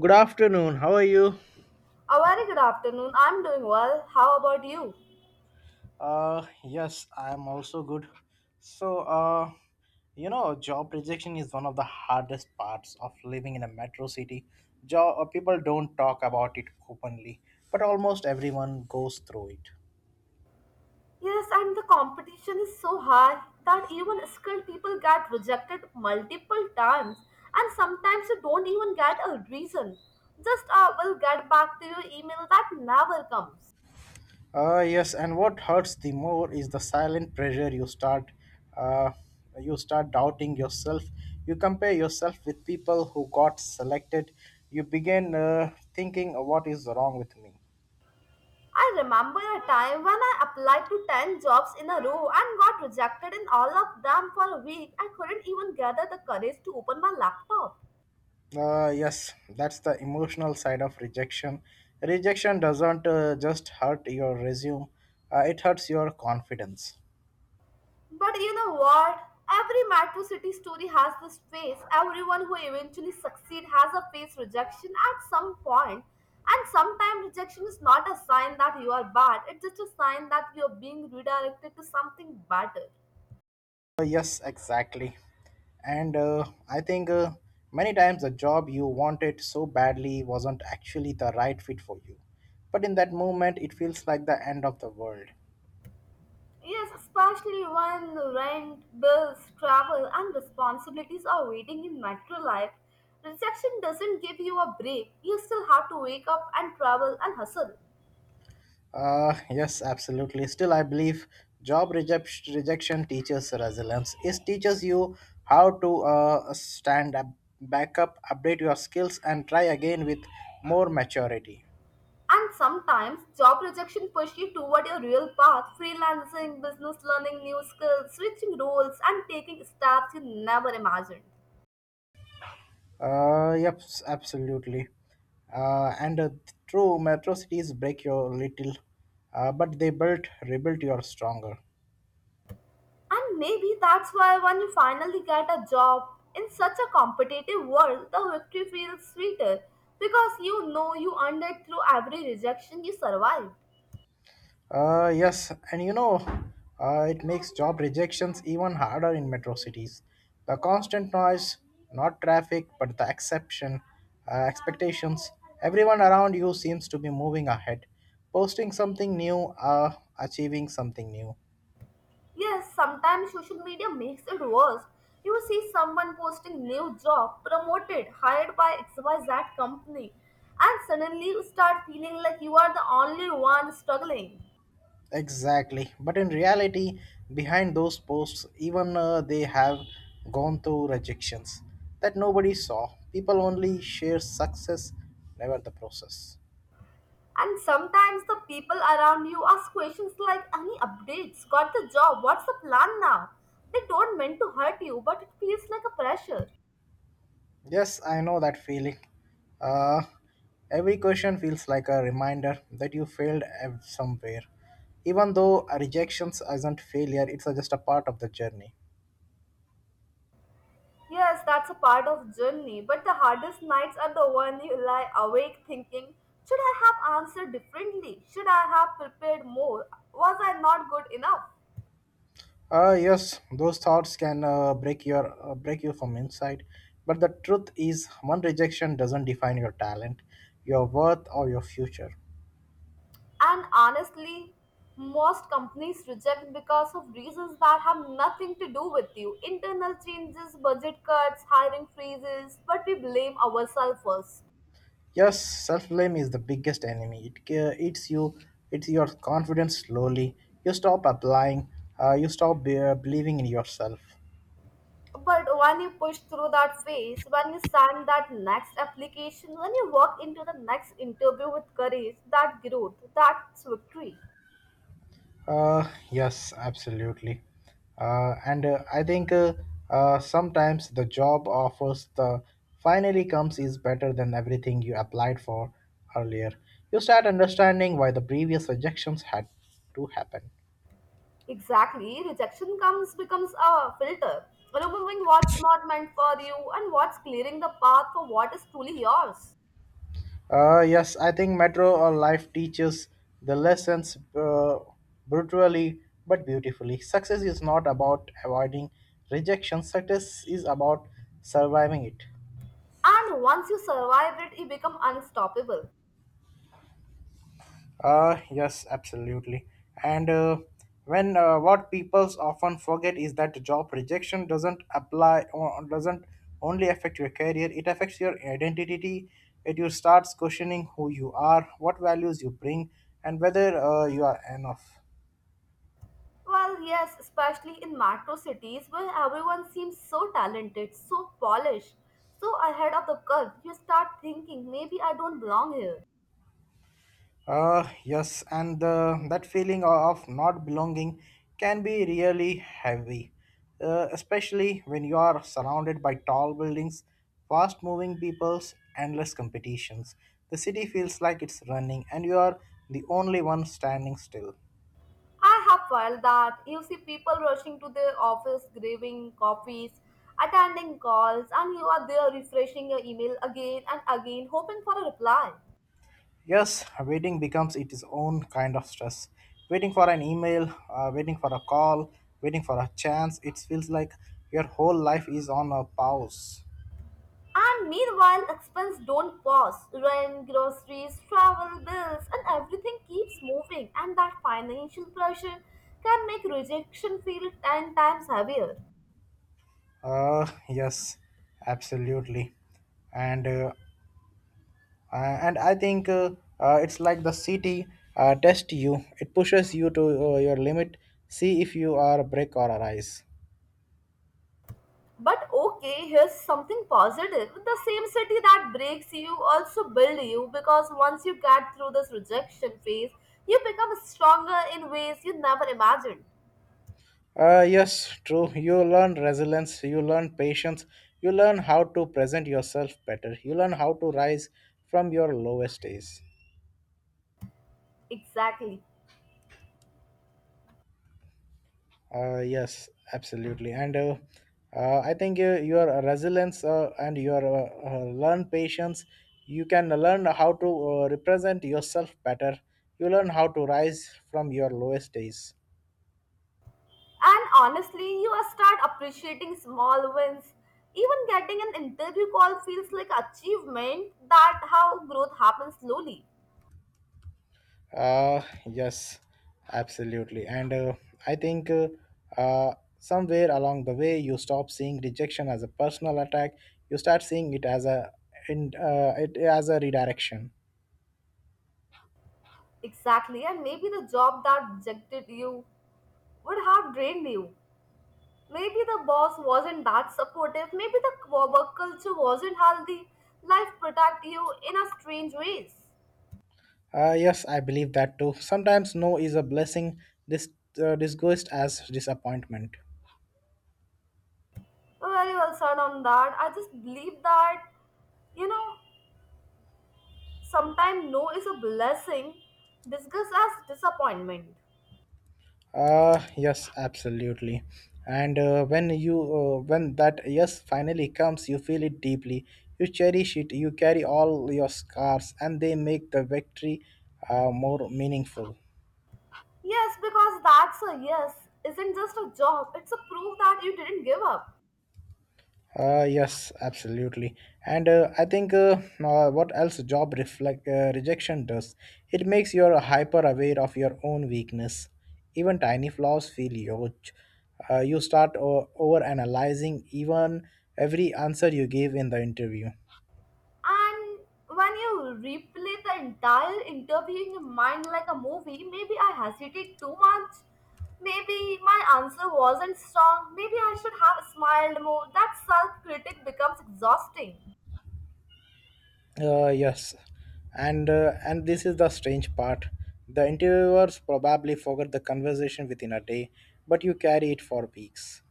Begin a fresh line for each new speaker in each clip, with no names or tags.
Good afternoon. How are you?
A very good afternoon. I'm doing well. How about you?
Yes, I am also good. So, uh, you know, job rejection is one of the hardest parts of living in a metro city. People don't talk about it openly, but almost everyone goes through it.
Yes, and the competition is so high that even skilled people get rejected multiple times, and sometimes you don't even get a reason. Just will get back to your email that never comes.
Yes, and what hurts the more is the silent pressure uh, you start doubting yourself. You compare yourself with people who got selected. You begin thinking, what is wrong with me?
I remember a time when I applied to 10 jobs in a row and got rejected in all of them for a week. I couldn't even gather the courage to open my laptop.
Yes, that's the emotional side of rejection. Rejection doesn't just hurt your resume, it hurts your confidence.
But you know what? Every metro city story has this phase. Everyone who eventually succeeds has a face rejection at some point. And sometimes rejection is not a sign that you are bad, it's just a sign that you're being redirected to something better.
Yes, exactly. And I think many times the job you wanted so badly wasn't actually the right fit for you. But in that moment, it feels like the end of the world.
Yes, especially when rent, bills, travel, and responsibilities are waiting in metro life. Rejection doesn't give you a break. You still have to wake up and travel and hustle.
Yes, absolutely. Still, I believe rejection teaches resilience. It teaches you how to stand up, back up, update your skills, and try again with more maturity.
And sometimes job rejection pushes you toward your real path, freelancing, business learning new skills, switching roles, and taking steps you never imagined.
Yep, absolutely. And True, metro cities break your little, but they rebuilt you stronger.
And maybe that's why when you finally get a job in such a competitive world, the victory feels sweeter because you know you earned it through every rejection you survived.
Yes, and you know, it makes job rejections even harder in metro cities. The constant noise, not traffic, but the expectations. Everyone around you seems to be moving ahead, posting something new, achieving something new.
Yes, sometimes social media makes it worse. You see someone posting new job, promoted, hired by XYZ company, and suddenly you start feeling like you are the only one struggling.
Exactly, but in reality, behind those posts, even they have gone through rejections that nobody saw. People only share success, never the process.
And sometimes the people around you ask questions like, "Any updates? Got the job? What's the plan now?" They don't mean to hurt you, but it feels like a pressure.
Yes, I know that feeling. Uh, every question feels like a reminder that you failed at somewhere. Even though a rejection isn't failure, it's just a part of the journey.
Yes, that's a part of journey, but the hardest nights are the one you lie awake thinking, should I have answered differently? Should I have prepared more? Was I not good enough?
Yes, those thoughts can break you from inside. But the truth is, one rejection doesn't define your talent, your worth, or your future.
And honestly, most companies reject because of reasons that have nothing to do with you. Internal changes, budget cuts, hiring freezes, but we blame ourselves first.
Yes, self blame is the biggest enemy. It eats you, it's your confidence slowly. You stop applying, uh, you stop believing in yourself.
But when you push through that phase, when you sign that next application, when you walk into the next interview with courage, that growth, that's victory.
Yes, absolutely. And I think Sometimes the job offers the finally comes is better than everything you applied for earlier. You start understanding why the previous rejections had to happen.
Exactly, rejection comes becomes a filter, removing what's not meant for you and what's clearing the path for what is truly yours.
Yes, I think Metro or Life teaches the lessons brutally but beautifully. Success is not about avoiding rejection, success is about surviving it.
And once you survive it, you become unstoppable.
Yes, absolutely. And when What people often forget is that job rejection doesn't apply or doesn't only affect your career, it affects your identity. It you starts questioning who you are, what values you bring, and whether you are enough.
Well, yes, especially in metro cities where everyone seems so talented, so polished, so ahead of the curve, you start thinking maybe I don't belong here.
Yes, and that feeling of not belonging can be really heavy, especially when you are surrounded by tall buildings, fast moving peoples, endless competitions. The city feels like it's running, and you are the only one standing still.
I have felt that you see people rushing to their office, grabbing coffees, attending calls, and you are there refreshing your email again and again, hoping for a reply.
Yes, waiting becomes its own kind of stress. Waiting for an email, waiting for a call, waiting for a chance, it feels like your whole life is on a pause.
And meanwhile, expenses don't pause. Rent, groceries, travel, bills, and everything keeps moving, and that financial pressure can make rejection feel 10 times heavier.
Yes, absolutely, and uh, uh, and I think it's like the city tests you. It pushes you to your limit. See if you are a brick or a rise.
But okay, here's something positive. The same city that breaks you also builds you because once you get through this rejection phase, you become stronger in ways you never imagined.
Yes, true. You learn resilience. You learn patience. You learn how to present yourself better. You learn how to rise from your lowest days.
Exactly.
Yes, absolutely. And I think your resilience and your learn patience, you can learn how to represent yourself better. You learn how to rise from your lowest days.
And honestly, you are start appreciating small wins. Even getting an interview call feels like achievement that how growth happens slowly.
Yes, absolutely. And I think uh, Somewhere along the way, you stop seeing rejection as a personal attack. You start seeing it as it as a redirection.
Exactly, and maybe the job that rejected you would have drained you. Maybe the boss wasn't that supportive, maybe the work culture wasn't healthy. Life protect you in a strange ways.
Yes, I believe that too. Sometimes no is a blessing, This disguised as disappointment.
Very well said on that. I just believe that, you know, sometimes no is a blessing discussed as disappointment.
Yes, absolutely. And when that yes finally comes, you feel it deeply. You cherish it. You carry all your scars, and they make the victory more meaningful.
Yes, because that's a yes isn't just a job, it's a proof that you didn't give up.
Yes, absolutely. And I think what else job reflect rejection does? It makes you hyper aware of your own weakness. Even tiny flaws feel huge. You start over analyzing even every answer you gave in the interview.
And when you replay the entire interview in your mind like a movie, maybe I hesitated too much. Maybe my answer wasn't strong. Maybe I should have smiled more. That self critic becomes exhausting.
Yes, and this is the strange part. The interviewers probably forgot the conversation within a day, but you carry it for weeks.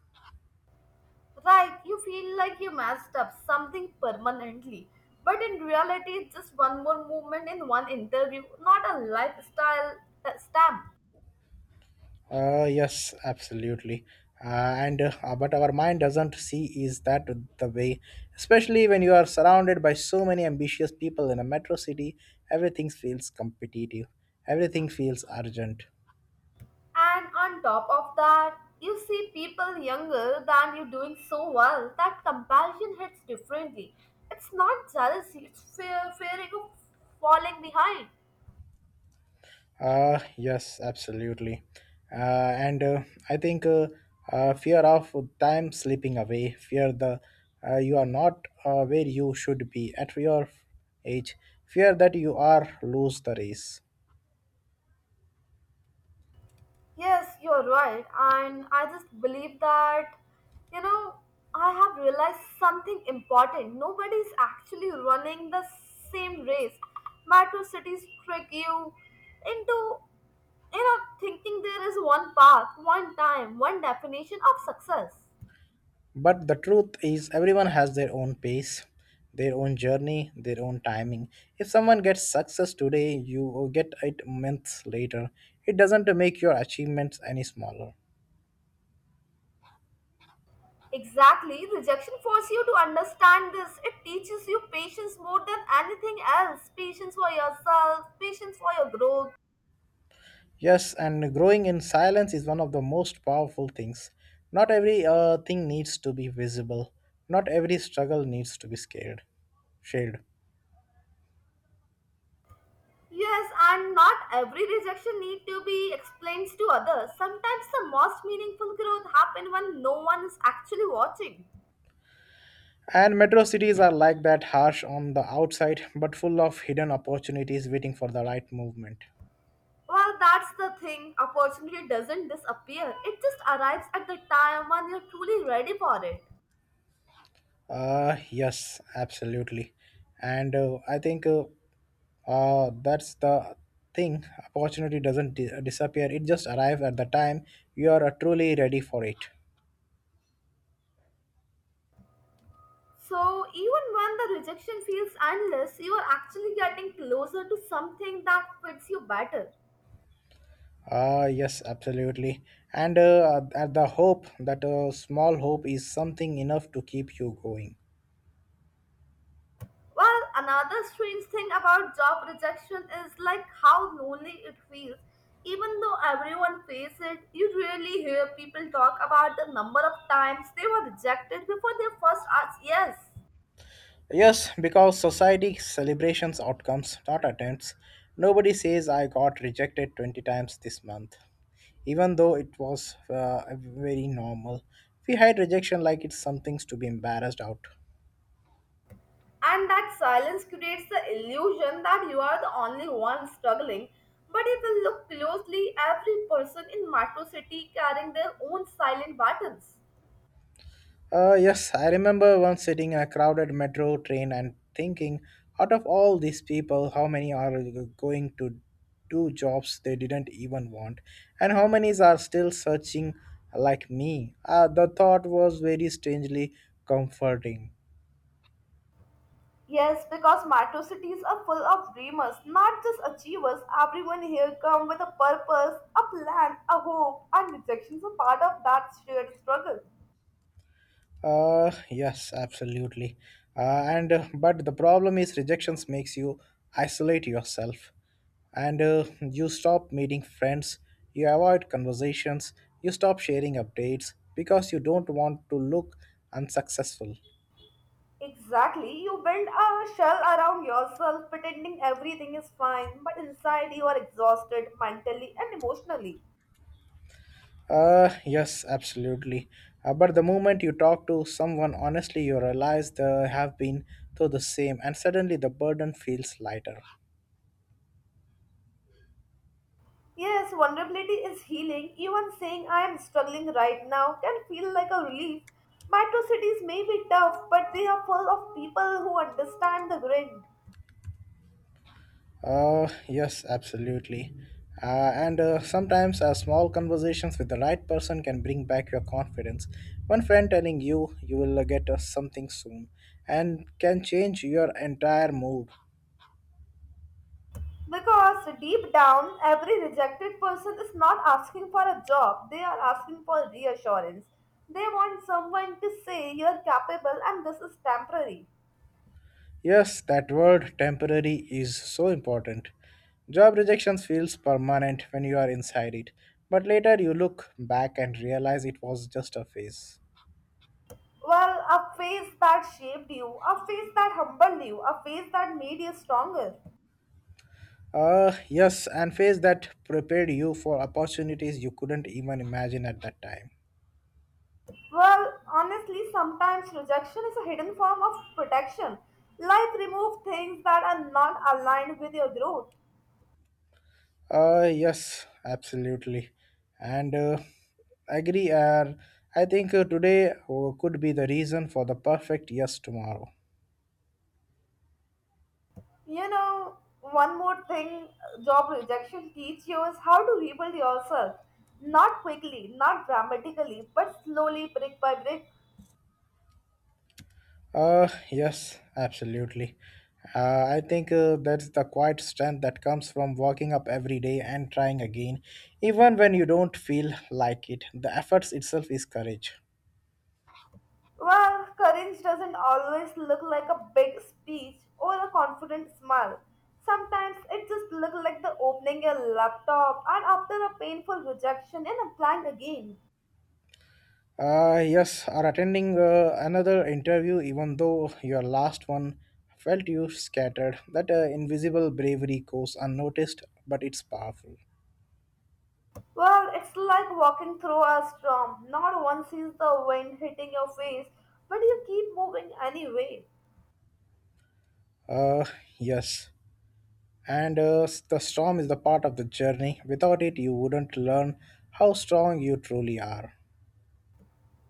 Right, you feel like you messed up something permanently. But in reality, it's just one more movement in one interview, not a lifestyle stamp.
Yes, absolutely. Uh, and But our mind doesn't see is that the way, especially when you are surrounded by so many ambitious people in a metro city, everything feels competitive, everything feels urgent.
And on top of that, you see people younger than you doing so well that comparison hits differently. It's not jealousy, it's fear, fearing of falling behind.
Yes, absolutely. And I think Fear of time slipping away, fear the you are not where you should be at your age, fear that you are lose the race.
Yes, you're right. And I just believe that, you know, I have realized something important. Nobody is actually running the same race. Metro cities trick you into, you know, thinking there is one path, one time, one definition of success.
But the truth is, everyone has their own pace, their own journey, their own timing. If someone gets success today, you will get it months later. It doesn't make your achievements any smaller.
Exactly, rejection forces you to understand this. It teaches you patience more than anything else. Patience for yourself, patience for your growth.
Yes, and growing in silence is one of the most powerful things. Not every thing needs to be visible. Not every struggle needs to be shared.
Yes, and not every rejection need to be explained to others. Sometimes the most meaningful growth happen when no one is actually watching.
And metro cities are like that, harsh on the outside, but full of hidden opportunities waiting for the right movement.
Well, that's the thing. Opportunity doesn't disappear. It just arrives at the time when you're truly ready for it.
Yes, absolutely. And I think That's the thing. Opportunity doesn't disappear, it just arrives at the time you are truly ready for it.
So even when the rejection feels endless, you are actually getting closer to something that fits you better.
Ah, yes, absolutely. And At the hope that a small hope is something enough to keep you going.
Well, another strange thing about job rejection is like how lonely it feels. Even though everyone faces it, you really hear people talk about the number of times they were rejected before they first asked yes.
Yes, because society celebrations outcomes, not attempts. Nobody says I got rejected 20 times this month, even though it was very normal. We hide rejection like it's something to be embarrassed out.
And that silence creates the illusion that you are the only one struggling. But if you look closely, every person in Metro City carrying their own silent battles.
Yes, I remember once sitting in a crowded metro train and thinking, out of all these people, how many are going to do jobs they didn't even want, and how many are still searching like me? The thought was very strangely comforting.
Yes, because metro cities are full of dreamers, not just achievers. Everyone here come with a purpose, a plan, a hope, and rejections are part of that shared struggle.
Yes, absolutely. And But the problem is rejections makes you isolate yourself, and you stop meeting friends, you avoid conversations, you stop sharing updates because you don't want to look unsuccessful.
Exactly, you build a shell around yourself, pretending everything is fine, but inside you are exhausted mentally and emotionally.
Yes, absolutely. But the moment you talk to someone honestly, you realize they have been through the same, and suddenly the burden feels lighter.
Yes, vulnerability is healing. Even saying I am struggling right now can feel like a relief. Metro cities may be tough, but they are full of people who understand the grind.
Yes, absolutely. And sometimes Small conversations with the right person can bring back your confidence. One friend telling you you will get something soon and can change your entire mood.
Because deep down, every rejected person is not asking for a job, they are asking for reassurance. They want someone to say you're capable and this is temporary.
Yes, that word temporary is so important. Job rejection feels permanent when you are inside it, but later you look back and realize it was just a phase.
Well, a face that shaped you, a face that humbled you, a face that made you stronger.
Yes, and phase that prepared you for opportunities you couldn't even imagine at that time.
Well, honestly, sometimes rejection is a hidden form of protection. Life removes things that are not aligned with your growth.
Yes, absolutely. And I agree. I think today could be the reason for the perfect yes tomorrow.
You know, one more thing job rejection teaches you is how to rebuild yourself. Not quickly, not dramatically, but slowly, brick by brick.
Yes, absolutely. I think that's the quiet strength that comes from waking up every day and trying again, even when you don't feel like it. The efforts itself is courage.
Well, courage doesn't always look like a big speech or a confident smile. Sometimes it just looks like the opening a laptop and after a painful rejection and applying again.
Yes, are attending another interview, even though your last one felt you scattered. That invisible bravery goes unnoticed, but it's powerful.
Well, it's like walking through a storm. Not one sees the wind hitting your face, but you keep moving anyway.
Uh, yes. The storm is the part of the journey. Without it, you wouldn't learn how strong you truly are.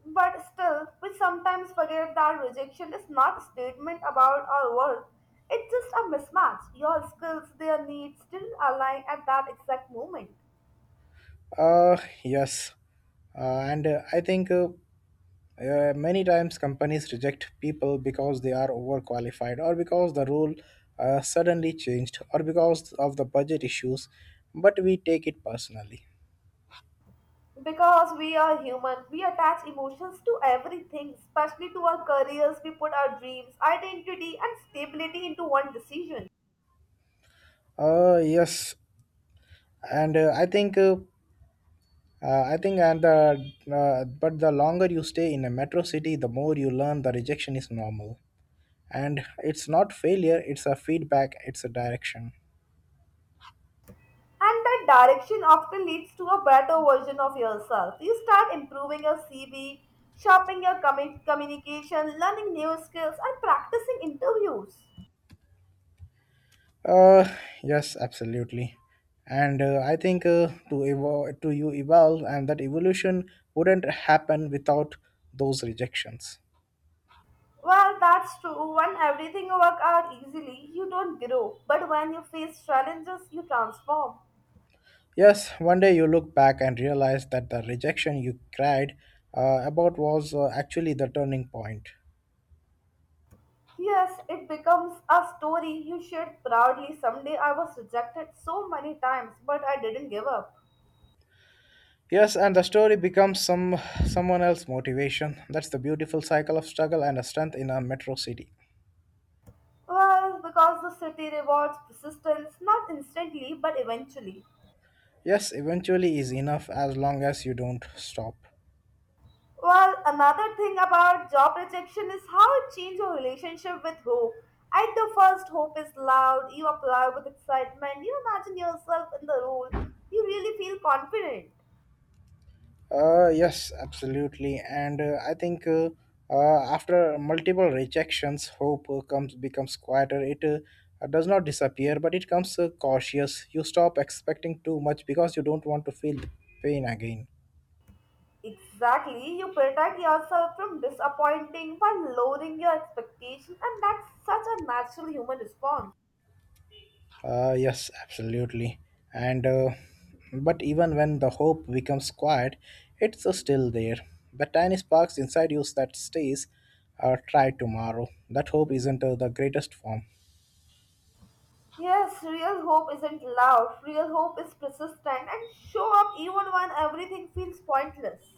But still, we sometimes forget that rejection is not a statement about our worth. It's just a mismatch. Your skills, their needs didn't align at that exact moment.
Uh, yes. And I think Many times companies reject people because they are overqualified or because the rule suddenly changed or because of the budget issues, but we take it personally.
Because we are human, we attach emotions to everything, especially to our careers. We put our dreams, identity, and stability into one decision.
Yes, and I think and the but the longer you stay in a metro city, the more you learn the rejection is normal, and it's not failure; it's a feedback, it's a direction.
And that direction often leads to a better version of yourself. You start improving your CV, sharpening your communication, learning new skills, and practicing interviews.
Uh, yes, absolutely. And I think To evolve, to you evolve, and that evolution wouldn't happen without those rejections.
Well, that's true. When everything works out easily, you don't grow. But when you face challenges, you transform.
Yes, one day you look back and realize that the rejection you cried about was actually the turning point.
Yes, it becomes a story you shared proudly. Someday I was rejected so many times, but I didn't give up.
Yes, and the story becomes someone else's motivation. That's the beautiful cycle of struggle and strength in a metro city.
Well, because the city rewards persistence, not instantly, but eventually.
Yes, eventually is enough as long as you don't stop.
Well, another thing about job rejection is how it changes your relationship with hope. At the first, hope is loud, you apply with excitement, you imagine yourself in the role, you really feel confident.
Yes, absolutely. And I think After multiple rejections, hope comes becomes quieter. It does not disappear, but it comes cautious. You stop expecting too much because you don't want to feel the pain again.
Exactly, you protect yourself from disappointing by lowering your expectation, and that's such a natural human response.
Yes, absolutely. And But even when the hope becomes quiet, it's still there. The tiny sparks inside you that stays. Try tomorrow. That hope isn't the greatest form.
Yes, real hope isn't loud, real hope is persistent and show up even when everything feels pointless.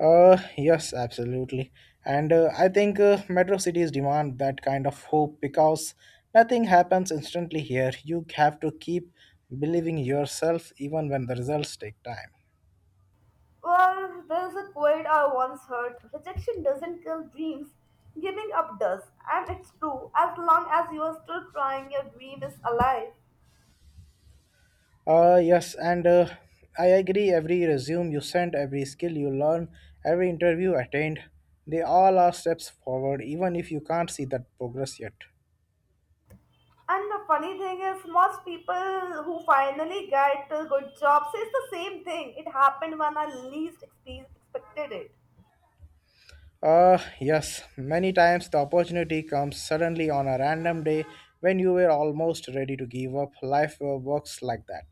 Yes, absolutely. And I think Metro cities demand that kind of hope because nothing happens instantly here. You have to keep believing yourself even when the results take time.
Well, there's a quote I once heard rejection doesn't kill dreams, giving up does. And it's true, as long as you are still trying, your dream is alive.
Yes, and I agree. Every resume you send, every skill you learn, every interview attained, they all are steps forward, even if you can't see that progress yet.
And the funny thing is, most people who finally get a good job says the same thing. It happened when I least expected it.
Yes, many times the opportunity comes suddenly on a random day when you were almost ready to give up. Life works like that.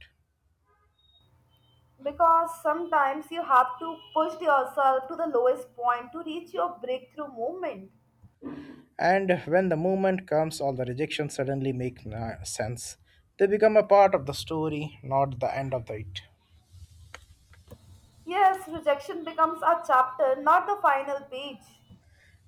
Because sometimes you have to push yourself to the lowest point to reach your breakthrough moment.
And when the movement comes, all the rejections suddenly make sense. They become a part of the story, not the end of the it.
Yes, rejection becomes a chapter, not the final page.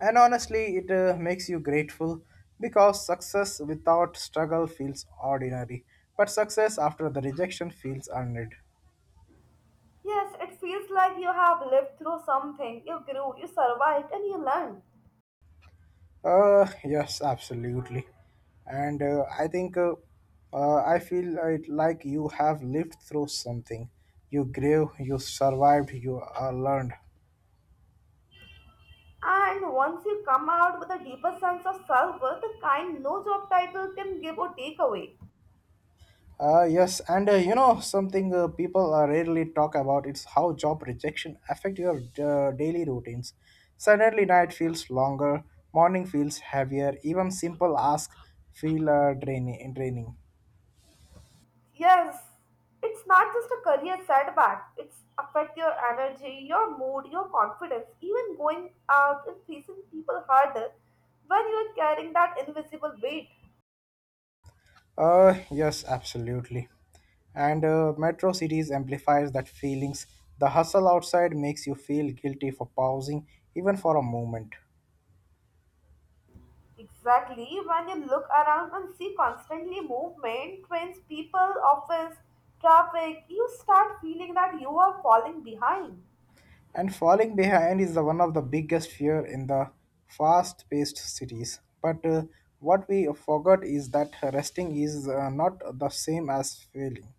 And honestly, it makes you grateful because success without struggle feels ordinary, but success after the rejection feels earned.
Yes, it feels like you have lived through something. You grew, you survived, and you learned.
Yes, absolutely. And I think I feel it like you have lived through something. You grew, you survived, you learned.
And once you come out with a deeper sense of self worth, the kind no job title can give or take away.
Yes, and you know something people rarely talk about is how job rejection affect your daily routines. Suddenly, night feels longer, morning feels heavier, even simple asks feel draining.
Yes, it's not just a career setback, it's affect your energy, your mood, your confidence, even going out and facing people harder when you are carrying that invisible weight.
Yes, absolutely. And Metro Cities amplifies that feelings. The hustle outside makes you feel guilty for pausing even for a moment.
Exactly. When you look around and see constantly movement, trains, people, office, traffic, you start feeling that you are falling behind.
And falling behind is the one of the biggest fear in the fast-paced cities. But what we forgot is that resting is not the same as failing.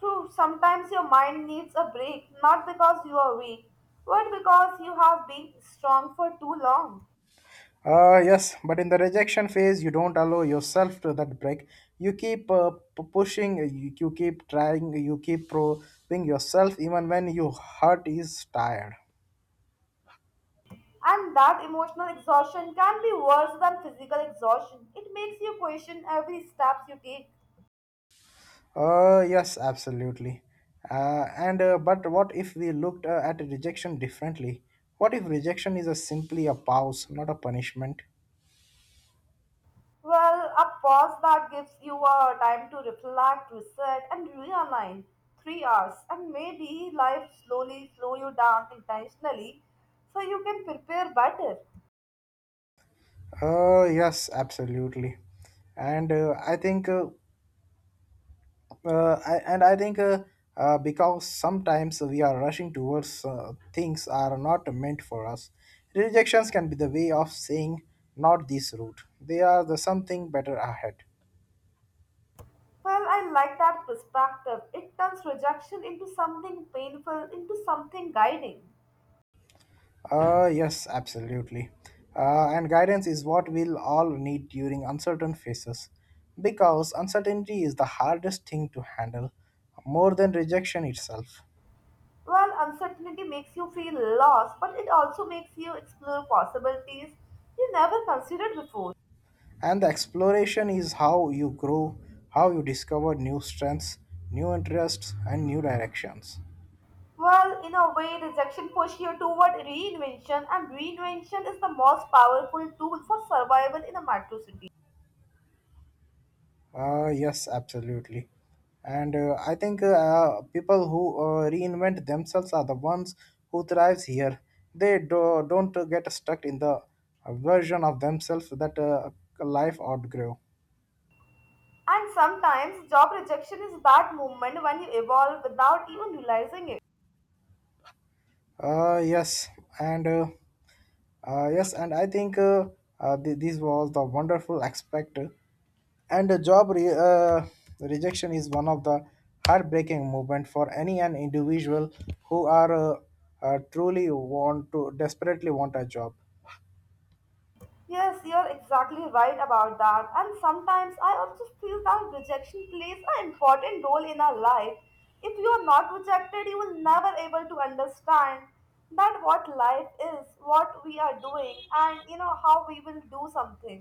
True, sometimes your mind needs a break, not because you are weak, but because you have been strong for too long.
Yes, but in the rejection phase, you don't allow yourself to that break. You keep pushing, you keep trying, you keep proving yourself even when your heart is tired.
And that emotional exhaustion can be worse than physical exhaustion. It makes you question every step you take.
Yes, absolutely. And But what if we looked at rejection differently? What if rejection is a simply a pause, not a punishment?
Well, a pause that gives you a time to reflect, reset, and realign. 3 hours, and maybe life slowly slow you down intentionally, so you can prepare better.
Yes, absolutely. And I think I- and I think Because sometimes we are rushing towards things are not meant for us. Rejections can be the way of saying not this route. They are the something better ahead.
Well, I like that perspective. It turns rejection into something painful, into something guiding.
Yes, absolutely. And guidance is what we'll all need during uncertain phases, because uncertainty is the hardest thing to handle, more than rejection itself.
Well, uncertainty makes you feel lost, but it also makes you explore possibilities you never considered before.
And the exploration is how you grow, how you discover new strengths, new interests, and new directions.
Well, in a way, rejection pushes you toward reinvention, and reinvention is the most powerful tool for survival in a metro city.
Yes, absolutely. And I think People who reinvent themselves are the ones who thrives here. They do, don't get stuck in the version of themselves that life outgrew.
And sometimes, job rejection is that moment when you evolve without even realizing it.
Uh, yes, and uh, yes, and I think this was the wonderful aspect And a job re- rejection is one of the heartbreaking movement for any an individual who are truly want to desperately want a job.
Yes, you're exactly right about that. And sometimes I also feel that rejection plays an important role in our life. If you are not rejected, you will never able to understand that what life is, what we are doing, and you know how we will do something.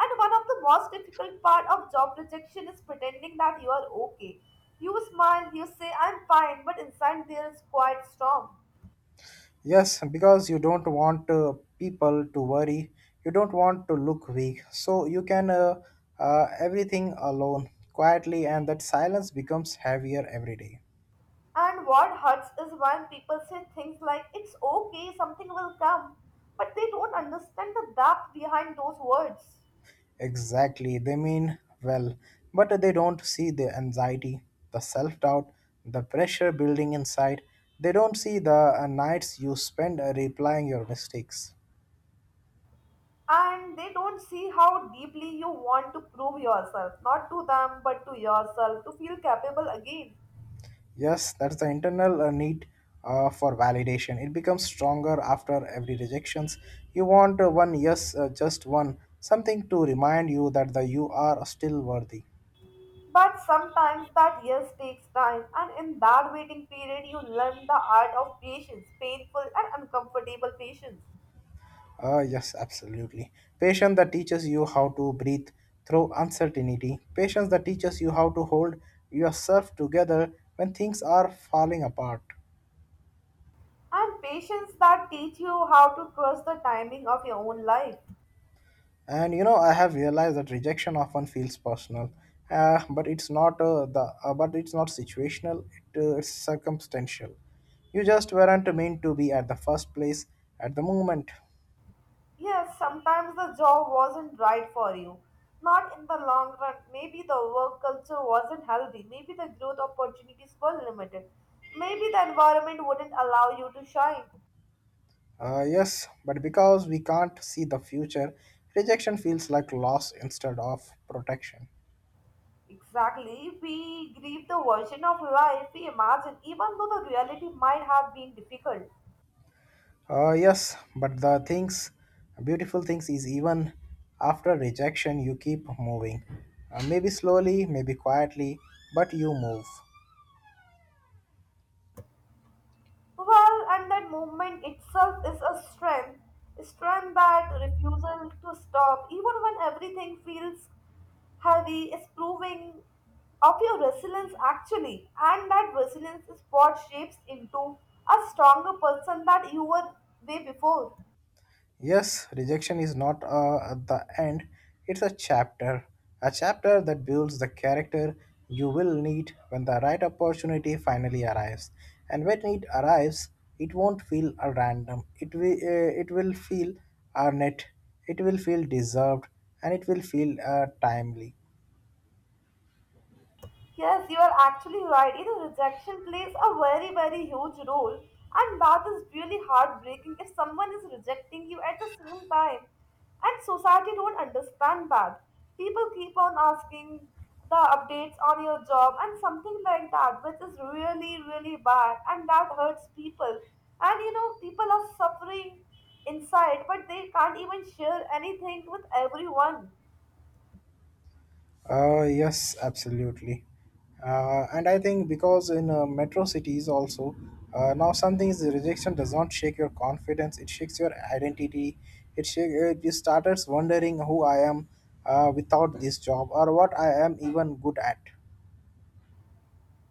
And one of the most difficult part of job rejection is pretending that you are okay. You smile, you say I'm fine, but inside there is quite storm.
Yes, because you don't want people to worry, you don't want to look weak, so you can everything alone quietly, and that silence becomes heavier every day.
And what hurts is when people say things like, it's okay, something will come, but they don't understand the depth behind those words.
Exactly. They mean well, but they don't see the anxiety, the self doubt, the pressure building inside. They don't see the nights you spend replying your mistakes.
And they don't see how deeply you want to prove yourself, not to them, but to yourself, to feel capable again.
Yes, that's the internal need for validation. It becomes stronger after every rejections. You want one yes, just one, something to remind you that the you are still worthy.
But sometimes that yes takes time, and in that waiting period, you learn the art of patience, painful and uncomfortable patience,
Ah yes, absolutely. Patience that teaches you how to breathe through uncertainty. Patience that teaches you how to hold yourself together when things are falling apart.
and patience that teach you how to trust the timing of your own life.
And you know, I have realized that rejection often feels personal, but it's not situational. It's circumstantial. You just weren't meant to be at the first place at the moment.
Yes, sometimes the job wasn't right for you. Not in the long run. Maybe the work culture wasn't healthy. Maybe the growth opportunities were limited. Maybe the environment wouldn't allow you to shine.
Yes, but because we can't see the future, rejection feels like loss instead of protection.
Exactly. We grieve the version of life we imagine, even though the reality might have been difficult.
Yes, but the things, beautiful things, is even after rejection, you keep moving. Maybe slowly, maybe quietly, but you move.
Well, and that movement itself is a strength. A strength that refusal to stop, even when everything feels heavy is proving of your resilience actually, and that resilience is what shapes into a stronger person that you were way before.
Yes, rejection is not at the end, it's a chapter. A chapter that builds the character you will need when the right opportunity finally arrives. And when it arrives, it won't feel a random, it will feel earned, it will feel deserved, and it will feel timely.
Yes, you are actually right. You know, rejection plays a very, very huge role, and that is really heartbreaking if someone is rejecting you at the same time. And society don't understand that. People keep on asking the updates on your job and something like that, which is really, really bad, and that hurts people. And you know, people are suffering inside, but they can't even share anything with everyone.
Yes, absolutely. And I think because in metro cities also, now something is rejection does not shake your confidence, it shakes your identity. You started wondering who I am without this job or what I am even good at.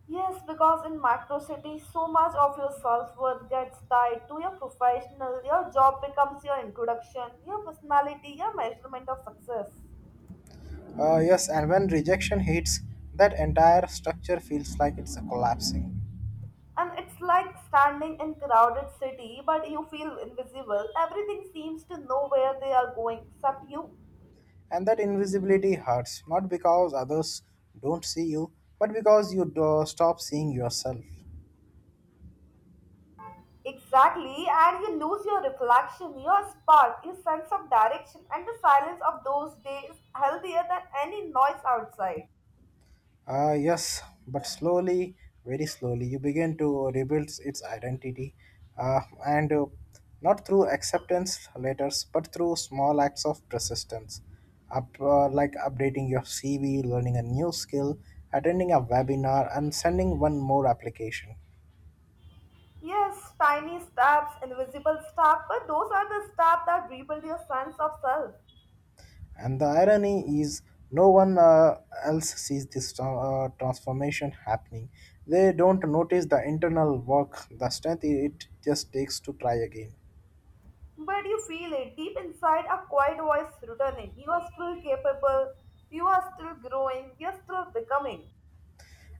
Yes, because in macro cities, so much of your self worth gets tied to your professional. Your job becomes your introduction, your personality, your measurement of success.
Yes, and when rejection hits, that entire structure feels like it's collapsing.
And it's like standing in crowded city, but you feel invisible. Everything seems to know where they are going except you.
And that invisibility hurts, not because others don't see you, but because you do- stop seeing yourself.
Exactly, and you lose your reflection, your spark, your sense of direction, and the silence of those days healthier than any noise outside.
Ah, yes, but slowly, very slowly, you begin to rebuild its identity, and not through acceptance letters, but through small acts of persistence, like updating your CV, learning a new skill, attending a webinar, and sending one more application.
Yes, tiny steps, invisible steps, but those are the steps that rebuild your sense of self.
And the irony is, no one else sees this transformation happening. They don't notice the internal work, the strength it just takes to try again.
But you feel it deep inside a quiet voice returning. You are still capable, you are still growing, you are still becoming.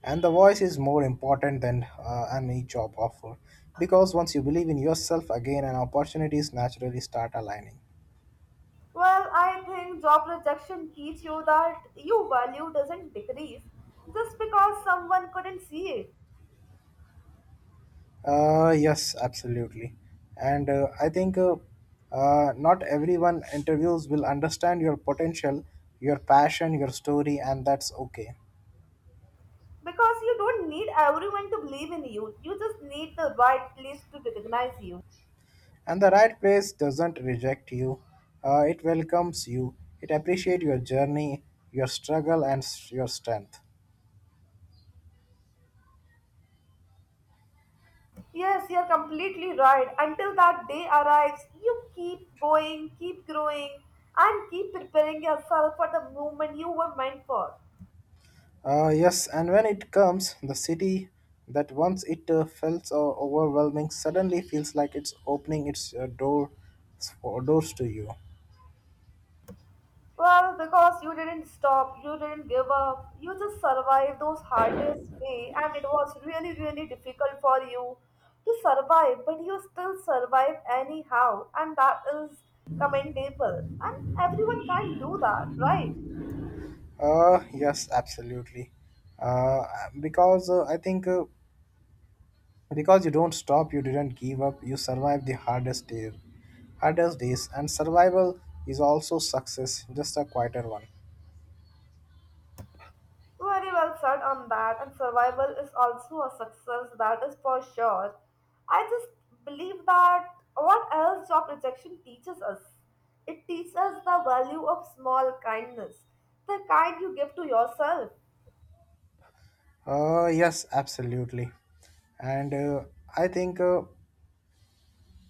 And the voice is more important than any job offer because once you believe in yourself again and opportunities naturally start aligning.
Well, I think job rejection teach you that your value doesn't decrease just because someone couldn't see it.
Yes, absolutely. And I think Not everyone interviews will understand your potential, your passion, your story, and that's okay.
Because you don't need everyone to believe in you, you just need the right place to recognize you.
And the right place doesn't reject you, it welcomes you, it appreciates your journey, your struggle and your strength.
Yes, you're completely right. Until that day arrives, you keep going, keep growing, and keep preparing yourself for the moment you were meant for.
Yes, and when it comes, the city that once it felt overwhelming suddenly feels like it's opening its doors to you.
Well, because you didn't stop, you didn't give up, you just survived those hardest day, and it was really, really difficult for you to survive, but you still survive anyhow, and that is commendable. And everyone can't do that, right?
Yes, absolutely. Uh, because I think Because you don't stop, you didn't give up, you survived the hardest days, and survival is also success, just a quieter one.
Very well said on that, and survival is also a success, that is for sure. I just believe that what else job rejection teaches us? It teaches us the value of small kindness, the kind you give to yourself.
Yes, absolutely. And I think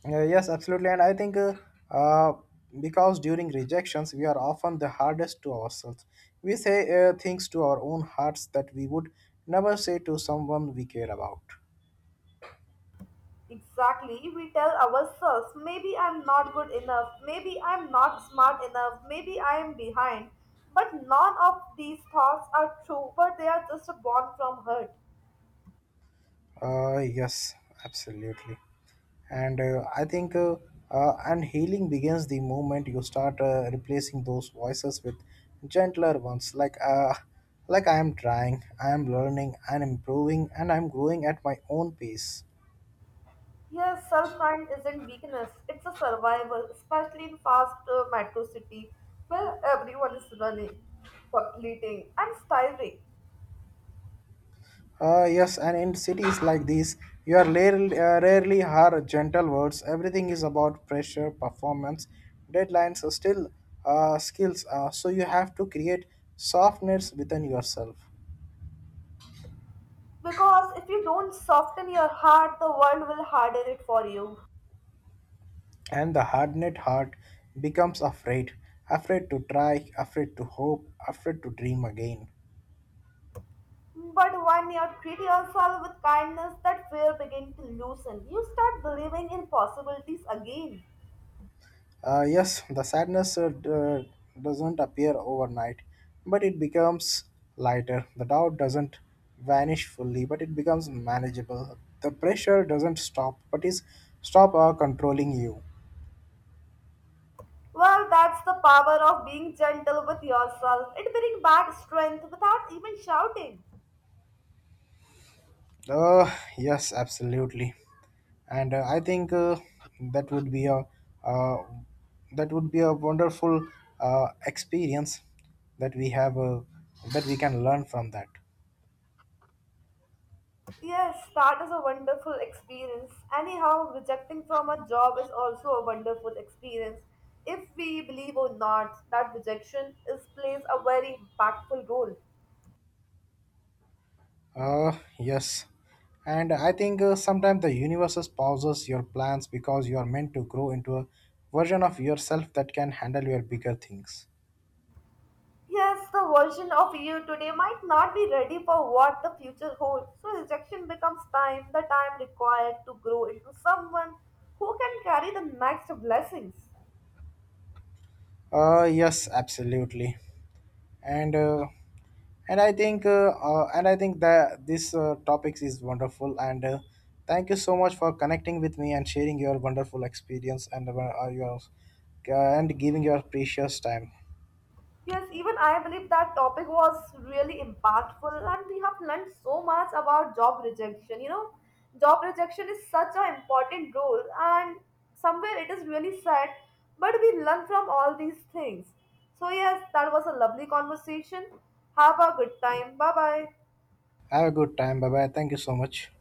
Yes, absolutely. And I think uh, because during rejections, we are often the hardest to ourselves. We say things to our own hearts that we would never say to someone we care about.
Exactly, we tell ourselves, maybe I'm not good enough, maybe I'm not smart enough, maybe I am behind. But none of these thoughts are true, but they are just born from hurt.
Yes, absolutely. And I think and healing begins the moment you start replacing those voices with gentler ones, like I am trying, I am learning, I am improving, and I am growing at my own pace.
Yes, self-kind isn't weakness, it's a survival, especially in fast metro city where everyone is running, completing and styling.
Yes, and in cities like these, you are rarely hear gentle words. Everything is about pressure, performance, deadlines, still skills. So you have to create softness within yourself.
Because if you don't soften your heart, the world will harden it for you.
And the hardened heart becomes afraid, afraid to try, afraid to hope, afraid to dream again.
But when you treat yourself with kindness, that fear begins to loosen. You start believing in possibilities again.
Yes, the sadness doesn't appear overnight, but it becomes lighter. The doubt doesn't vanish fully, but it becomes manageable. The pressure doesn't stop, but is stop controlling you.
Well, that's the power of being gentle with yourself. It brings back strength without even shouting.
Yes, absolutely. And I think that would be a uh, that would be a wonderful experience that we have that we can learn from that.
Yes, that is a wonderful experience. Anyhow, rejecting from a job is also a wonderful experience. If we believe or not that rejection is plays a very impactful role.
Yes. And I think sometimes the universe pauses your plans because you are meant to grow into a version of yourself that can handle your bigger things.
Yes, the version of you today might not be ready for what the future holds. So rejection becomes time, the time required to grow into someone who can carry the next blessings.
Yes, absolutely. And uh, and I think that this topics is wonderful. And Thank you so much for connecting with me and sharing your wonderful experience and your and giving your precious time.
Yes, even I believe that topic was really impactful, and we have learned so much about job rejection. You know, job rejection is such an important role, and somewhere it is really sad, but we learn from all these things. So, yes, that was a lovely conversation. Have a good time. Bye bye.
Have a good time. Bye bye. Thank you so much.